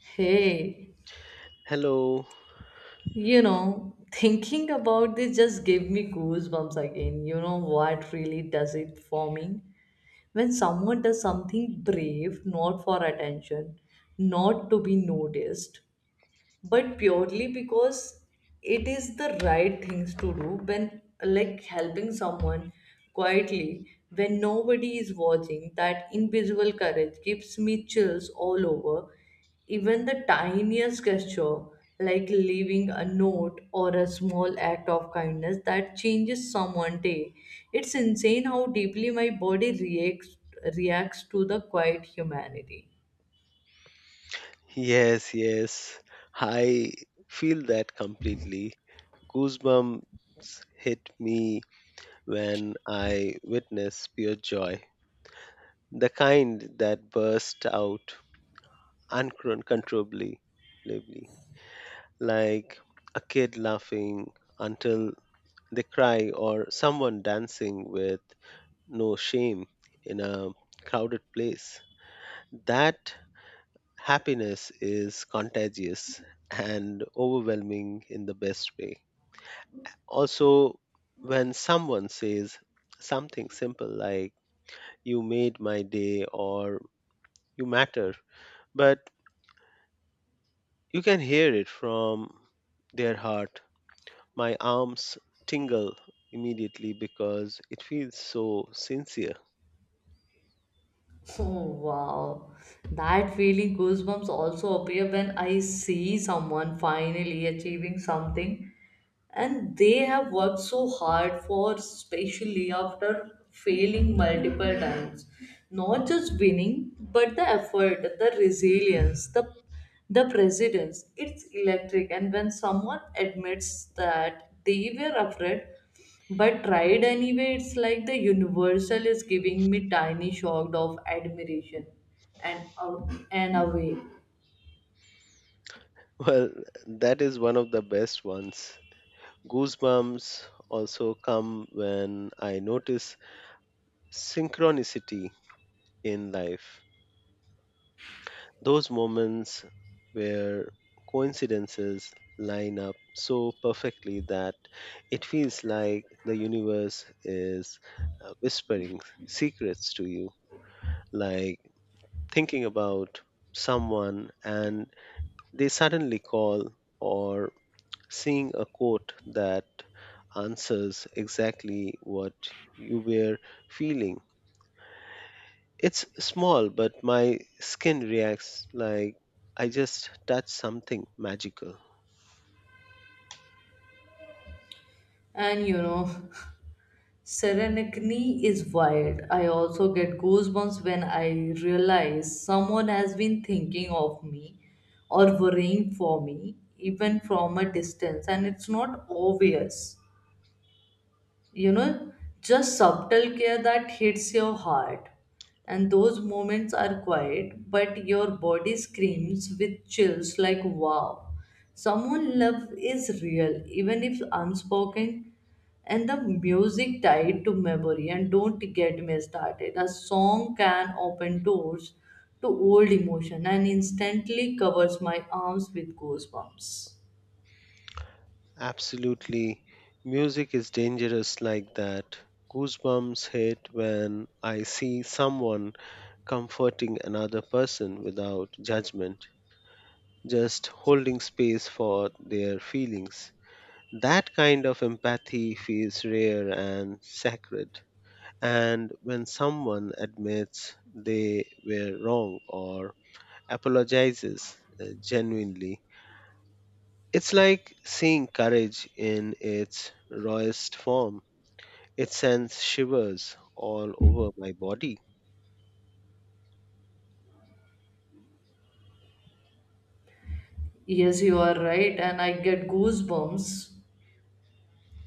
Hey, Hello. Thinking about this just gave me goosebumps again. You know what really does it for me? When someone does something brave, not for attention, not to be noticed, but purely because it is the right things to do, when like helping someone quietly, when nobody is watching, that invisible courage gives me chills all over. Even the tiniest gesture, like leaving a note or a small act of kindness that changes someone's day, it's insane how deeply my body reacts to the quiet humanity. Yes, yes. I feel that completely. Goosebumps hit me when I witness pure joy, the kind that bursts out uncontrollably, lively, like a kid laughing until they cry or someone dancing with no shame in a crowded place. That happiness is contagious and overwhelming in the best way. Also, when someone says something simple like, "You made my day" or "You matter," but you can hear it from their heart. My arms tingle immediately because it feels so sincere. Oh, wow. That feeling, goosebumps also appear when I see someone finally achieving something and they have worked so hard for, especially after failing multiple times. Not just winning, but the effort, the resilience, the precedence. It's electric. And when someone admits that they were afraid but tried anyway, it's like the universal is giving me tiny shock of admiration and aw- and away Well, that is one of the best ones. Goosebumps also come when I notice synchronicity in life. Those moments where coincidences line up so perfectly that it feels like the universe is whispering secrets to you, like thinking about someone and they suddenly call, or seeing a quote that answers exactly what you were feeling. It's small, but my skin reacts like I just touched something magical. and you know Serenity is wild. I also get goosebumps when I realize someone has been thinking of me or worrying for me, even from a distance, and it's not obvious, you know just subtle care that hits your heart. And those moments are quiet, but your body screams with chills, like wow, someone love is real even if unspoken. And the music tied to memory, and don't get me started, a song can open doors to old emotion and instantly covers my arms with goosebumps. Absolutely. Music is dangerous like that. Goosebumps hit when I see someone comforting another person without judgment, just holding space for their feelings. That kind of empathy feels rare and sacred. And when someone admits they were wrong or apologizes genuinely. It's like seeing courage in its rawest form. It sends shivers all over my body. Yes, you are right. And I get goosebumps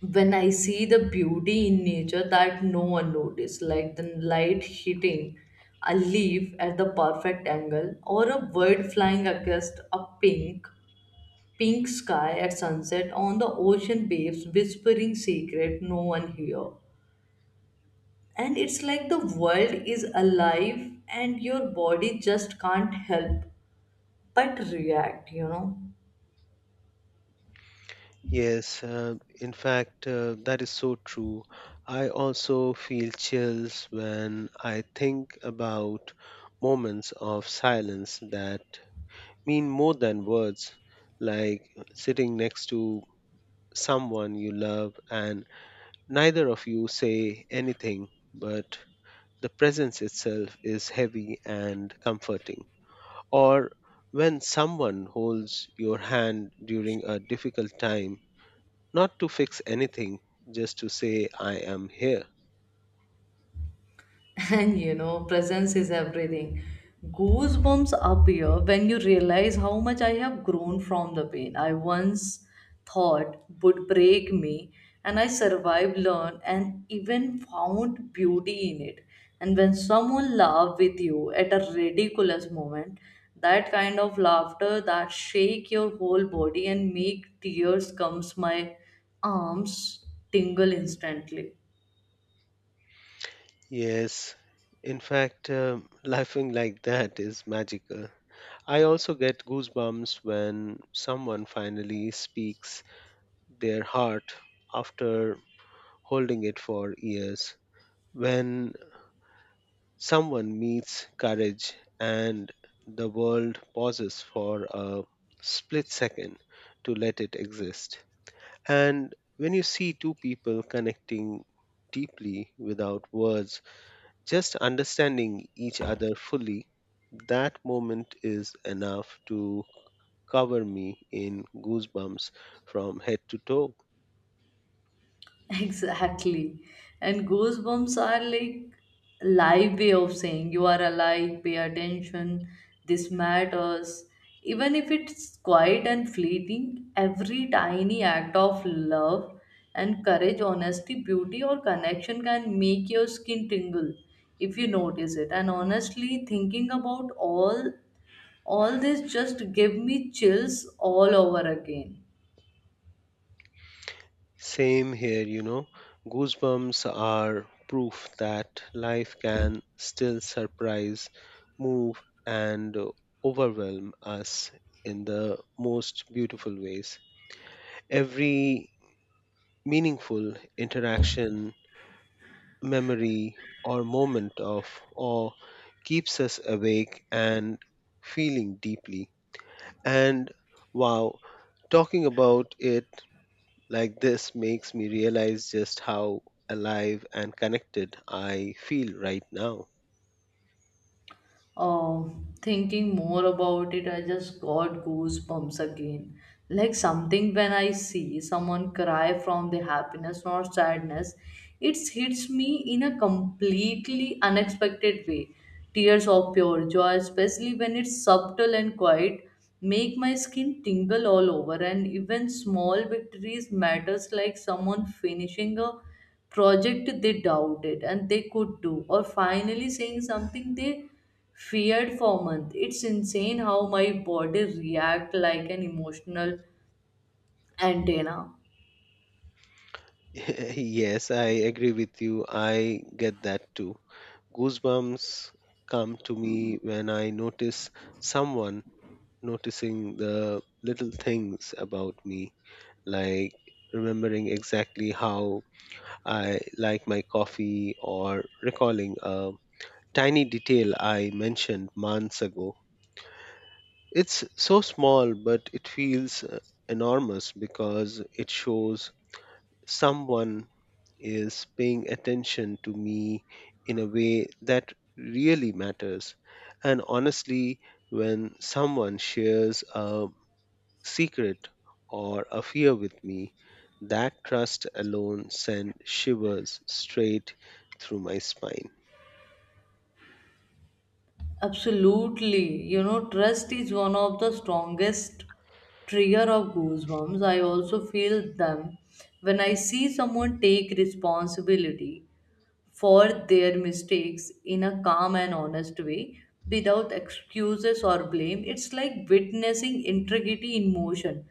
when I see the beauty in nature that no one noticed, like the light hitting a leaf at the perfect angle, or a bird flying against a pink sky at sunset, on the ocean waves whispering secret no one hear. And it's like the world is alive and your body just can't help but react. Yes, in fact, that is so true. I also feel chills when I think about moments of silence that mean more than words, like sitting next to someone you love and neither of you say anything, but the presence itself is heavy and comforting. Or when someone holds your hand during a difficult time, not to fix anything, just to say, "I am here." And presence is everything. Goosebumps appear when you realize how much I have grown from the pain I once thought would break me, and I survived, learned, and even found beauty in it. And when someone laughs with you at a ridiculous moment, that kind of laughter that shake your whole body and make tears comes, my arms tingle instantly. Yes, in fact, laughing like that is magical. I also get goosebumps when someone finally speaks their heart after holding it for years. When someone meets courage and the world pauses for a split second to let it exist. And when you see two people connecting deeply without words, just understanding each other fully, that moment is enough to cover me in goosebumps from head to toe. Exactly. And goosebumps are like live way of saying, you are alive, pay attention, this matters. Even if it's quiet and fleeting, every tiny act of love and courage, honesty, beauty, or connection can make your skin tingle if you notice it. And honestly, thinking about all this just give me chills all over again. Same here, you know. Goosebumps are proof that life can still surprise, move, and overwhelm us in the most beautiful ways. Every meaningful interaction, memory, or moment of awe keeps us awake and feeling deeply. And wow, talking about it like this makes me realize just how alive and connected I feel right now. uh, thinking more about it, I just got goosebumps again. Like something when I see someone cry from the happiness or sadness, it hits me in a completely unexpected way. Tears of pure joy, especially when it's subtle and quiet, make my skin tingle all over. And even small victories matters, like someone finishing a project they doubted and they could do, or finally saying something they feared for months. It's insane how my body react like an emotional antenna. Yes, I agree with you. I get that too. Goosebumps come to me when I notice someone noticing the little things about me, like remembering exactly how I like my coffee or recalling a tiny detail I mentioned months ago. It's so small, but it feels enormous because it shows someone is paying attention to me in a way that really matters. And honestly, when someone shares a secret or a fear with me, that trust alone sends shivers straight through my spine. Absolutely. Trust is one of the strongest trigger of goosebumps. I also feel them when I see someone take responsibility for their mistakes in a calm and honest way without excuses or blame. It's like witnessing integrity in motion.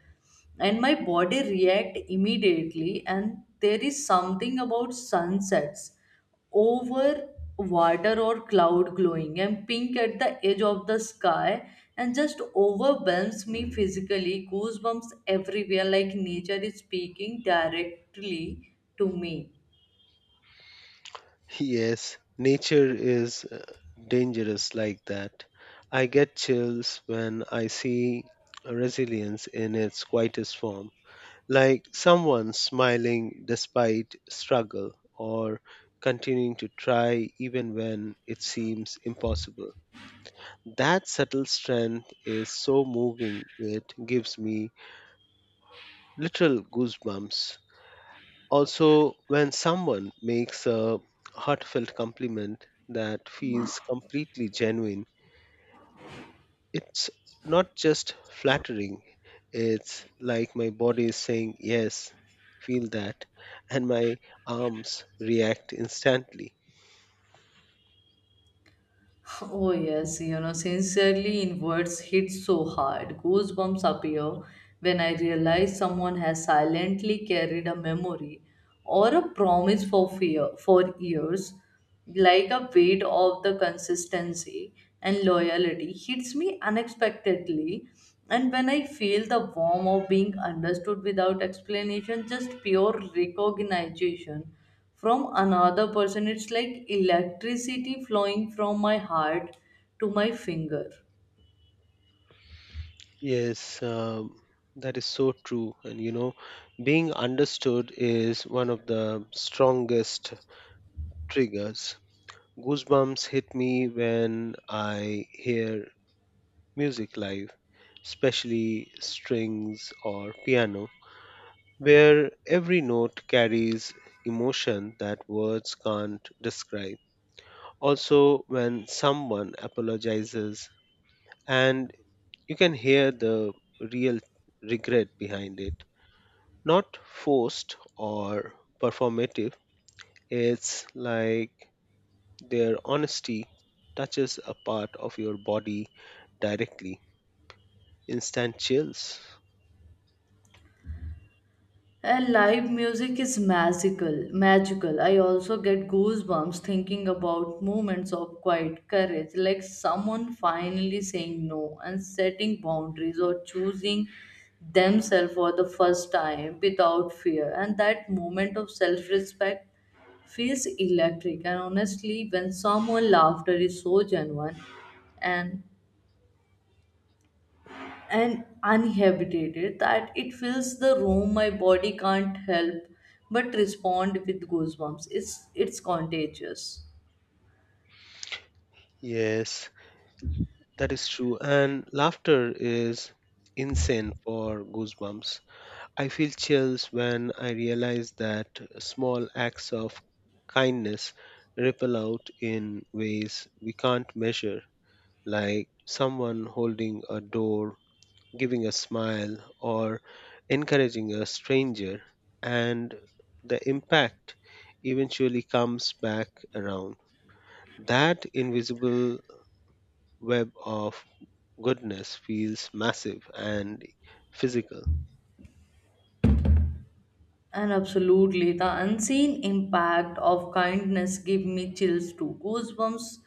And my body react immediately. And there is something about sunsets over water, or cloud glowing and pink at the edge of the sky, and just overwhelms me physically. Goosebumps everywhere, like nature is speaking directly to me. Yes, nature is dangerous like that. I get chills when I see resilience in its quietest form, like someone smiling despite struggle or continuing to try even when it seems impossible. That subtle strength is so moving, it gives me literal goosebumps. Also, when someone makes a heartfelt compliment that feels completely genuine, it's not just flattering, it's like my body is saying, "Yes, feel that," and my arms react instantly. Oh, yes, sincerely inwards hits so hard. Goosebumps appear when I realize someone has silently carried a memory or a promise for fear for years, like a weight of the consistency and loyalty hits me unexpectedly. And when I feel the warmth of being understood without explanation, just pure recognition from another person. It's like electricity flowing from my heart to my finger. Yes, that is so true. And you know, being understood is one of the strongest triggers. Goosebumps hit me when I hear music live, especially strings or piano, where every note carries emotion that words can't describe. Also, when someone apologizes and you can hear the real regret behind it, not forced or performative, it's like their honesty touches a part of your body directly. Instant chills. Live music is magical, magical. I also get goosebumps thinking about moments of quiet courage, like someone finally saying no and setting boundaries, or choosing themselves for the first time without fear. And that moment of self-respect feels electric. And honestly, when someone laughter is so genuine and and uninhabited that it fills the room, my body can't help but respond with goosebumps. It's contagious. Yes, that is true. And laughter is insane for goosebumps. I feel chills when I realize that small acts of kindness ripple out in ways we can't measure, like someone holding a door, giving a smile, or encouraging a stranger. And the impact eventually comes back around. That invisible web of goodness feels massive and physical. And absolutely, the unseen impact of kindness give me chills too. Goosebumps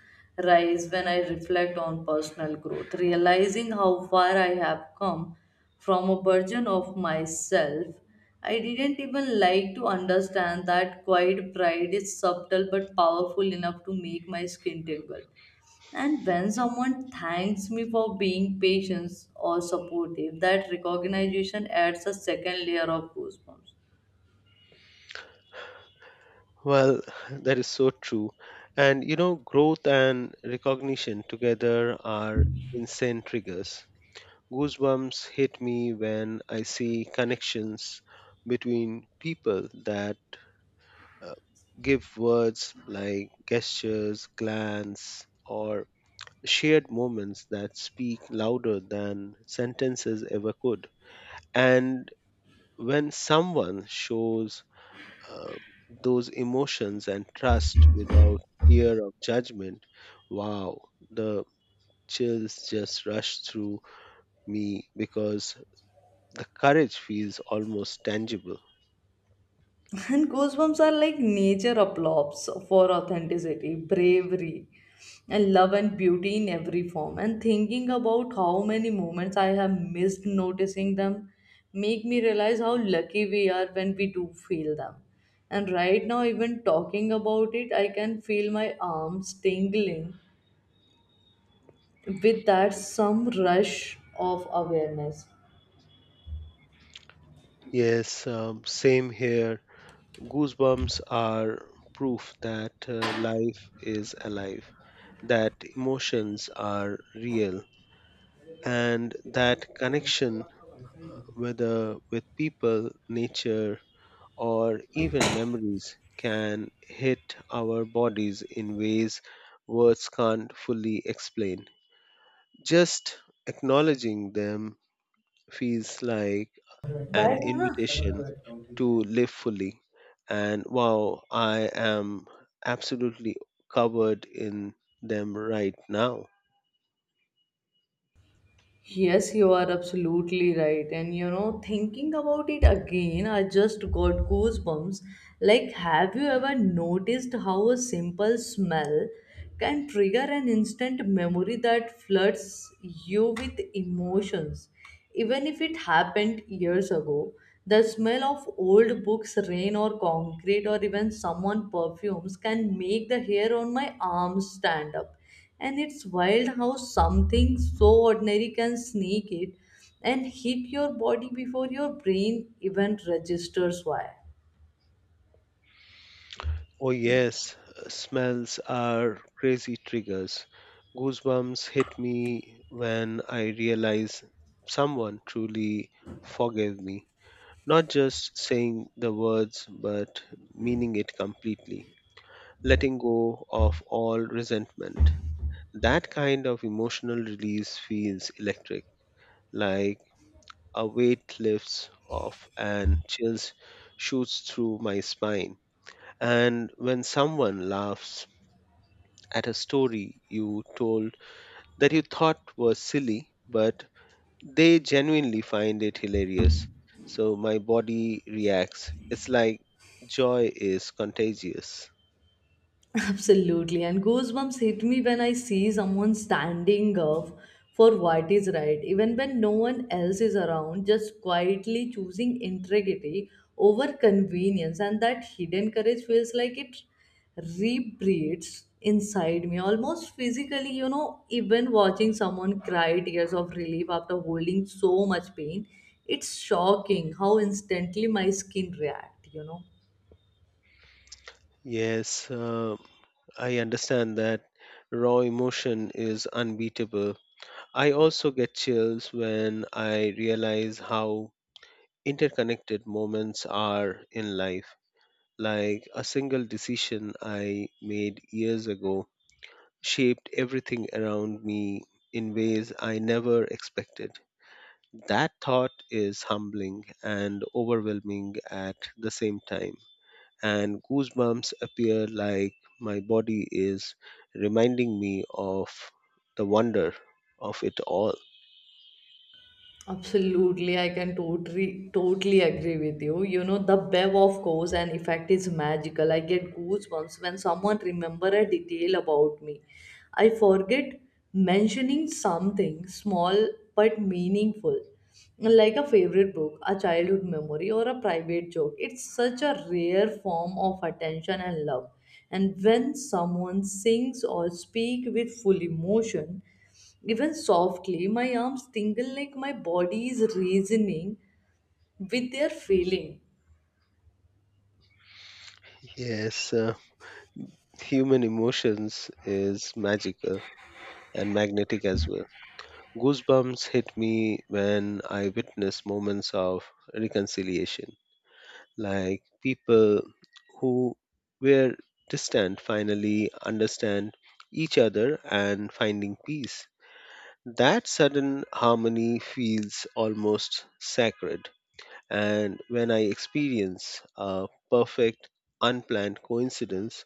rise when I reflect on personal growth, realizing how far I have come from a version of myself I didn't even like, to understand that quiet pride is subtle but powerful enough to make my skin tingle. And when someone thanks me for being patient or supportive, that recognition adds a second layer of goosebumps. Well, that is so true. And you know, growth and recognition together are insane triggers. Goosebumps hit me when I see connections between people that uh, give words like gestures, glance, or shared moments that speak louder than sentences ever could. And when someone shows uh, those emotions and trust without fear of judgment, wow, the chills just rush through me because the courage feels almost tangible. And goosebumps are like nature applause for authenticity, bravery, and love and beauty in every form. And thinking about how many moments I have missed noticing them make me realize how lucky we are when we do feel them. And right now, even talking about it, I can feel my arms tingling with that some rush of awareness. Yes, same here. Goosebumps are proof that life is alive, that emotions are real, and that connection, uh, whether with people, nature, or even memories, can hit our bodies in ways words can't fully explain. Just acknowledging them feels like an But invitation to live fully. And wow, I am absolutely covered in them right now. Yes, you are absolutely right. And thinking about it again, I just got goosebumps. Like, have you ever noticed how a simple smell can trigger an instant memory that floods you with emotions? Even if it happened years ago, the smell of old books, rain, or concrete, or even someone perfumes can make the hair on my arms stand up. And it's wild how something so ordinary can sneak it and hit your body before your brain even registers why. Oh, yes, smells are crazy triggers. Goosebumps hit me when I realize someone truly forgave me. Not just saying the words, but meaning it completely, letting go of all resentment. That kind of emotional release feels electric, like a weight lifts off and chills shoots through my spine. And when someone laughs at a story you told that you thought was silly, but they genuinely find it hilarious. So my body reacts. It's like joy is contagious. Absolutely. And goosebumps hit me when I see someone standing up for what is right, even when no one else is around, just quietly choosing integrity over convenience. And that hidden courage feels like it rebreathes inside me, almost physically. Even watching someone cry tears of relief after holding so much pain, it's shocking how instantly my skin react. Yes, I understand that raw emotion is unbeatable. I also get chills when I realize how interconnected moments are in life. Like a single decision I made years ago shaped everything around me in ways I never expected. That thought is humbling and overwhelming at the same time, and goosebumps appear like my body is reminding me of the wonder of it all. Absolutely, I can totally agree with you. The bev of course and effect is magical. I get goosebumps when someone remember a detail about me. I forget mentioning something small but meaningful, like a favorite book, a childhood memory, or a private joke. It's such a rare form of attention and love. And when someone sings or speak with full emotion, even softly, my arms tingle like my body is reasoning with their feeling. Yes, human emotions is magical and magnetic as well. Goosebumps hit me when I witness moments of reconciliation, like people who were distant finally understand each other and finding peace. That sudden harmony feels almost sacred. And when I experience a perfect, unplanned coincidence,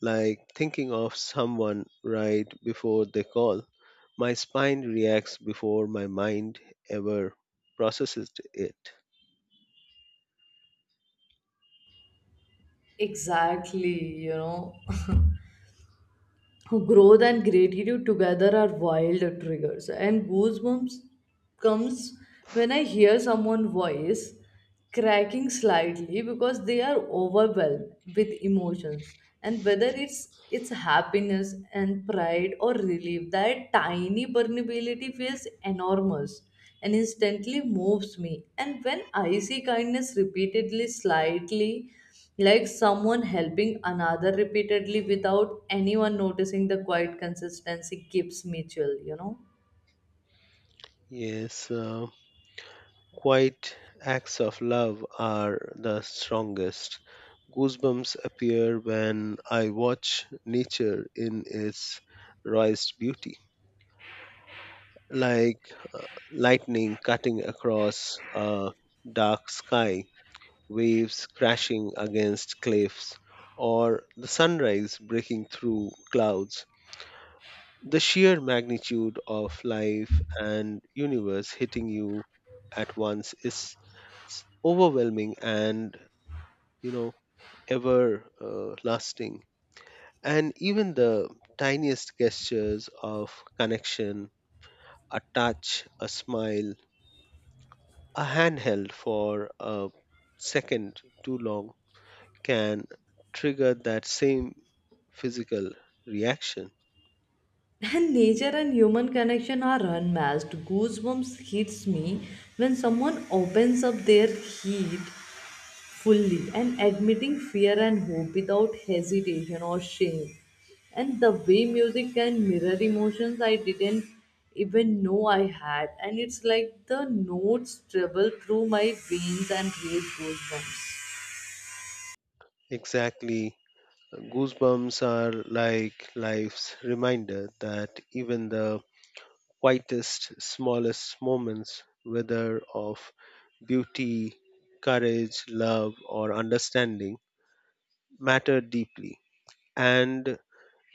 like thinking of someone right before they call, my spine reacts before my mind ever processes it. Exactly. Growth and gratitude together are wild triggers. And goosebumps comes when I hear someone's voice cracking slightly because they are overwhelmed with emotions. And whether it's happiness and pride or relief, that tiny permeability feels enormous and instantly moves me. And when I see kindness repeatedly slightly, like someone helping another repeatedly without anyone noticing, the quiet consistency gives mutual. Yes, quiet acts of love are the strongest. Goosebumps appear when I watch nature in its rawest beauty, like lightning cutting across a dark sky, waves crashing against cliffs, or the sunrise breaking through clouds. The sheer magnitude of life and universe hitting you at once is overwhelming and, you know, ever lasting. And even the tiniest gestures of connection, a touch, a smile, a hand held for a second too long, can trigger that same physical reaction. And nature and human connection are unmatched. Goosebumps hits me when someone opens up their heat fully and admitting fear and hope without hesitation or shame. And the way music can mirror emotions I didn't even know I had. And it's like the notes travel through my veins and raise goosebumps. Exactly. Goosebumps are like life's reminder that even the quietest, smallest moments, whether of beauty, courage, love, or understanding, matter deeply. And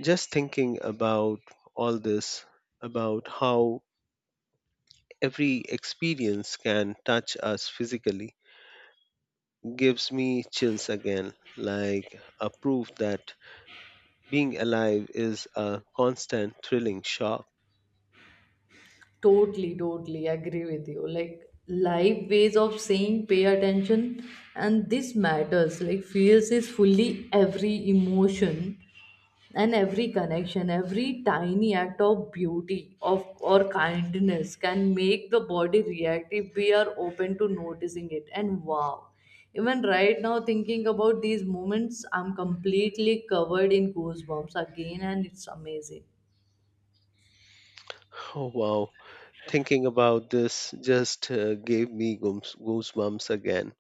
just thinking about all this, about how every experience can touch us physically, gives me chills again, like a proof that being alive is a constant thrilling shock. Totally, totally agree with you. Like live ways of saying, pay attention, and this matters. Like feels is fully every emotion and every connection, every tiny act of beauty of or kindness can make the body react if we are open to noticing it. And wow. Even right now, thinking about these moments, I'm completely covered in goosebumps again, and it's amazing. Oh, wow. Thinking about this just gave me goosebumps again.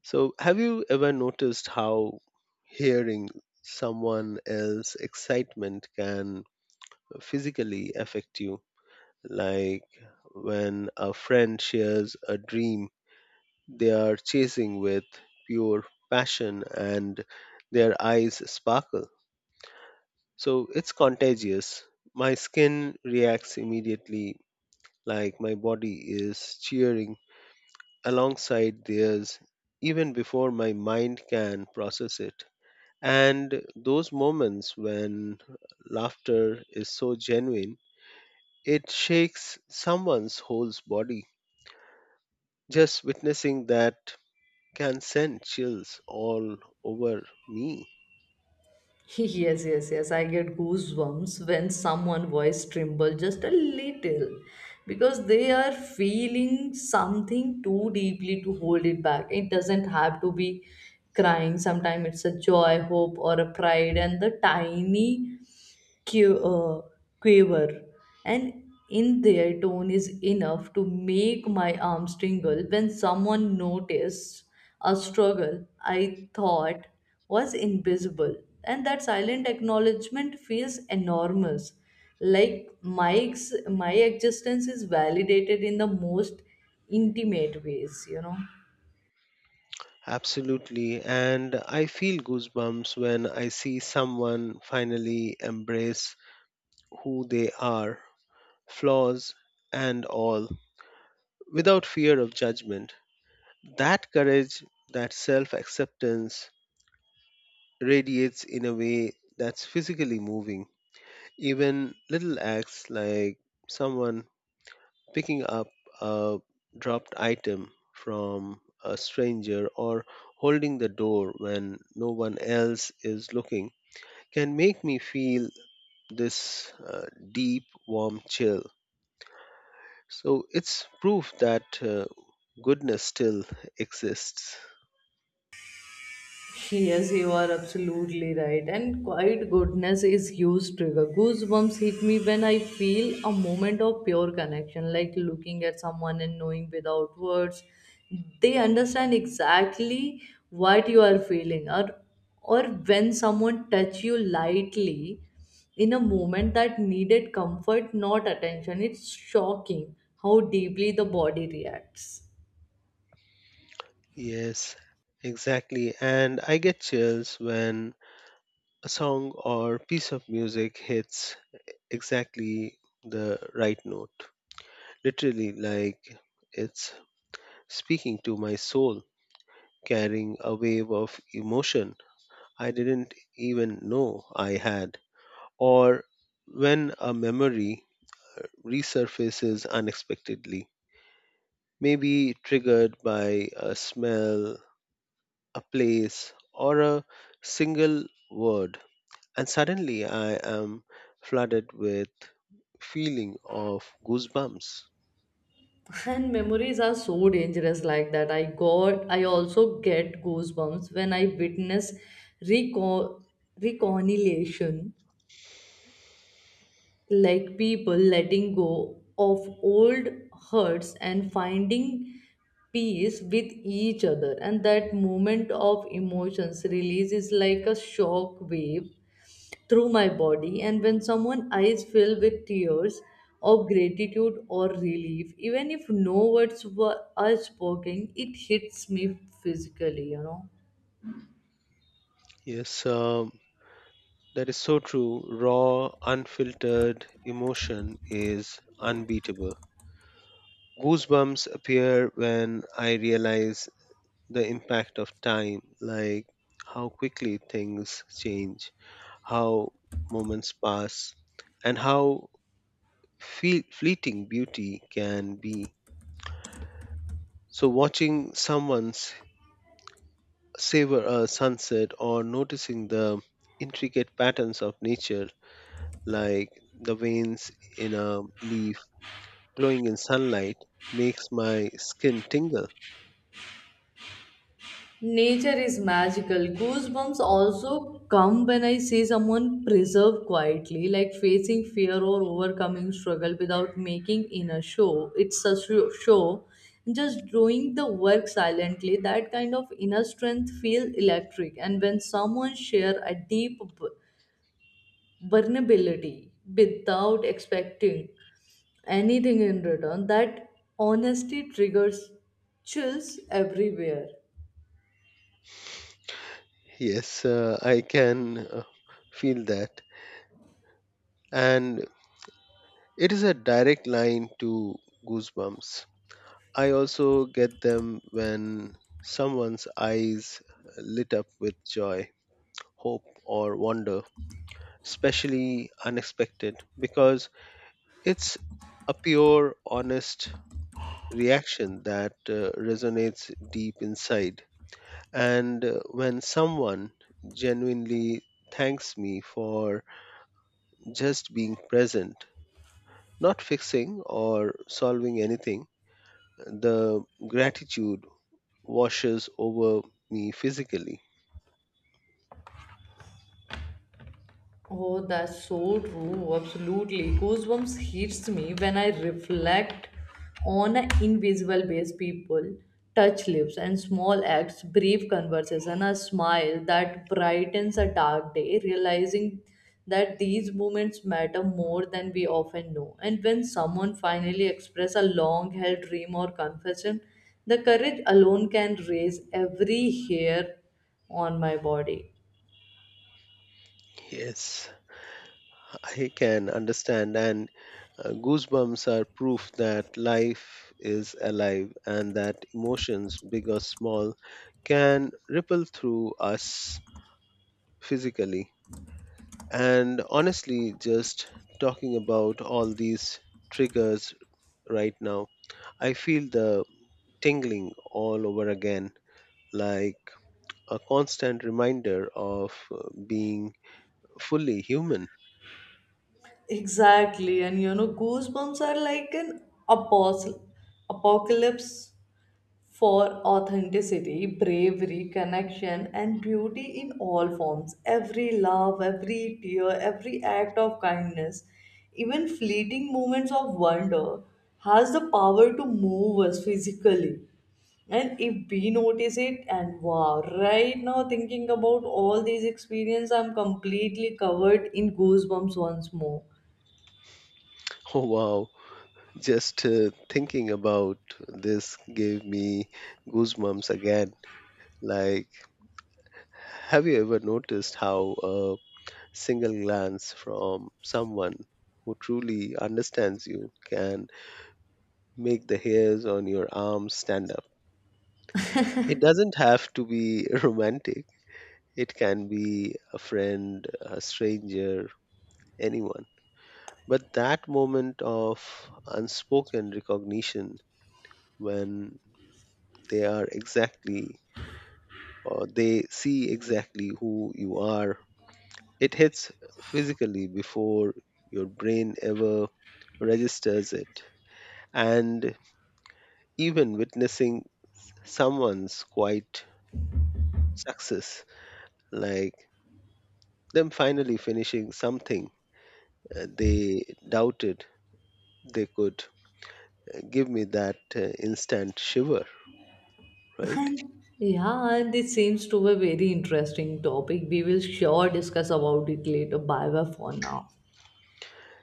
So, have you ever noticed how hearing someone else's excitement can physically affect you? Like when a friend shares a dream they are chasing with pure passion and their eyes sparkle. So, it's contagious. My skin reacts immediately, like my body is cheering alongside theirs even before my mind can process it. And those moments when laughter is so genuine, it shakes someone's whole body. Just witnessing that can send chills all over me. Yes, yes, yes. I get goosebumps when someone voice tremble just a little because they are feeling something too deeply to hold it back. It doesn't have to be crying. Sometimes it's a joy, hope, or a pride, and the tiny que- uh, quaver, and in their tone is enough to make my arms tingle when someone noticed a struggle I thought was invisible. And that silent acknowledgement feels enormous. Like my existence is validated in the most intimate ways. Absolutely. And I feel goosebumps when I see someone finally embrace who they are, flaws and all, without fear of judgment. That courage, that self acceptance radiates in a way that's physically moving. Even little acts like someone picking up a dropped item from a stranger or holding the door when no one else is looking can make me feel this deep, warm chill. So it's proof that goodness still exists. Yes, you are absolutely right. And quiet goodness is huge trigger. Goosebumps hit me when I feel a moment of pure connection, like looking at someone and knowing without words. They understand exactly what you are feeling. Or when someone touch you lightly in a moment that needed comfort, not attention. It's shocking how deeply the body reacts. Yes, exactly. And I get chills when a song or piece of music hits exactly the right note. Literally, like it's speaking to my soul, carrying a wave of emotion I didn't even know I had. Or when a memory resurfaces unexpectedly, maybe triggered by a smell, a place, or a single word. And suddenly I am flooded with feeling of goosebumps. And memories are so dangerous like that. I also get goosebumps when I witness reco- reconciliation, like people letting go of old hurts and finding peace with each other. And that moment of emotions release is like a shock wave through my body. And when someone's eyes fill with tears of gratitude or relief, even if no words were are spoken, it hits me physically. Yes, that is so true. Raw, unfiltered emotion is unbeatable. Goosebumps appear when I realize the impact of time, like how quickly things change, how moments pass, and how fleeting beauty can be. So, watching someone's savor a sunset or noticing the intricate patterns of nature, like the veins in a leaf glowing in sunlight, makes my skin tingle. Nature is magical. Goosebumps also come when I see someone preserve quietly, like facing fear or overcoming struggle without making in a show. It's a show. Just doing the work silently, that kind of inner strength feel electric. And when someone share a deep vulnerability without expecting anything in return, that honesty triggers chills everywhere. Yes, I can feel that. And it is a direct line to goosebumps. I also get them when someone's eyes lit up with joy, hope, or wonder, especially unexpected, because it's a pure, honest reaction that resonates deep inside. And when someone genuinely thanks me for just being present, not fixing or solving anything, the gratitude washes over me physically. Oh, that's so true. Absolutely. Goosebumps hits me when I reflect on an invisible base people, touch lips and small acts, brief conversation, a smile that brightens a dark day, realizing that these moments matter more than we often know. And when someone finally expresses a long held dream or confession, the courage alone can raise every hair on my body. Yes, I can understand. And goosebumps are proof that life is alive and that emotions, big or small, can ripple through us physically. And honestly, just talking about all these triggers right now, I feel the tingling all over again, like a constant reminder of being fully human. Exactly, and goosebumps are like an apostle, apocalypse for authenticity, bravery, connection, and beauty in all forms. Every love, every tear, every act of kindness, even fleeting moments of wonder, has the power to move us physically. And if we notice it, and wow, right now thinking about all these experiences, I'm completely covered in goosebumps once more. Oh, wow. Just thinking about this gave me goosebumps again. Like, have you ever noticed how a single glance from someone who truly understands you can make the hairs on your arms stand up? It doesn't have to be romantic, it can be a friend, a stranger, anyone. But that moment of unspoken recognition, when they are exactly they see exactly who you are. It hits physically before your brain ever registers it. And even witnessing someone's quiet success, like them finally finishing something they doubted they could, give me that instant shiver, right? And yeah, and it seems to be a very interesting topic. We will sure discuss about it later. Bye bye for now.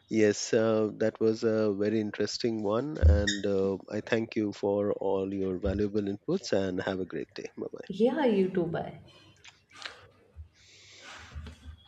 Yes, that was a very interesting one. And I thank you for all your valuable inputs and have a great day. Bye bye. Yeah, you too. Bye.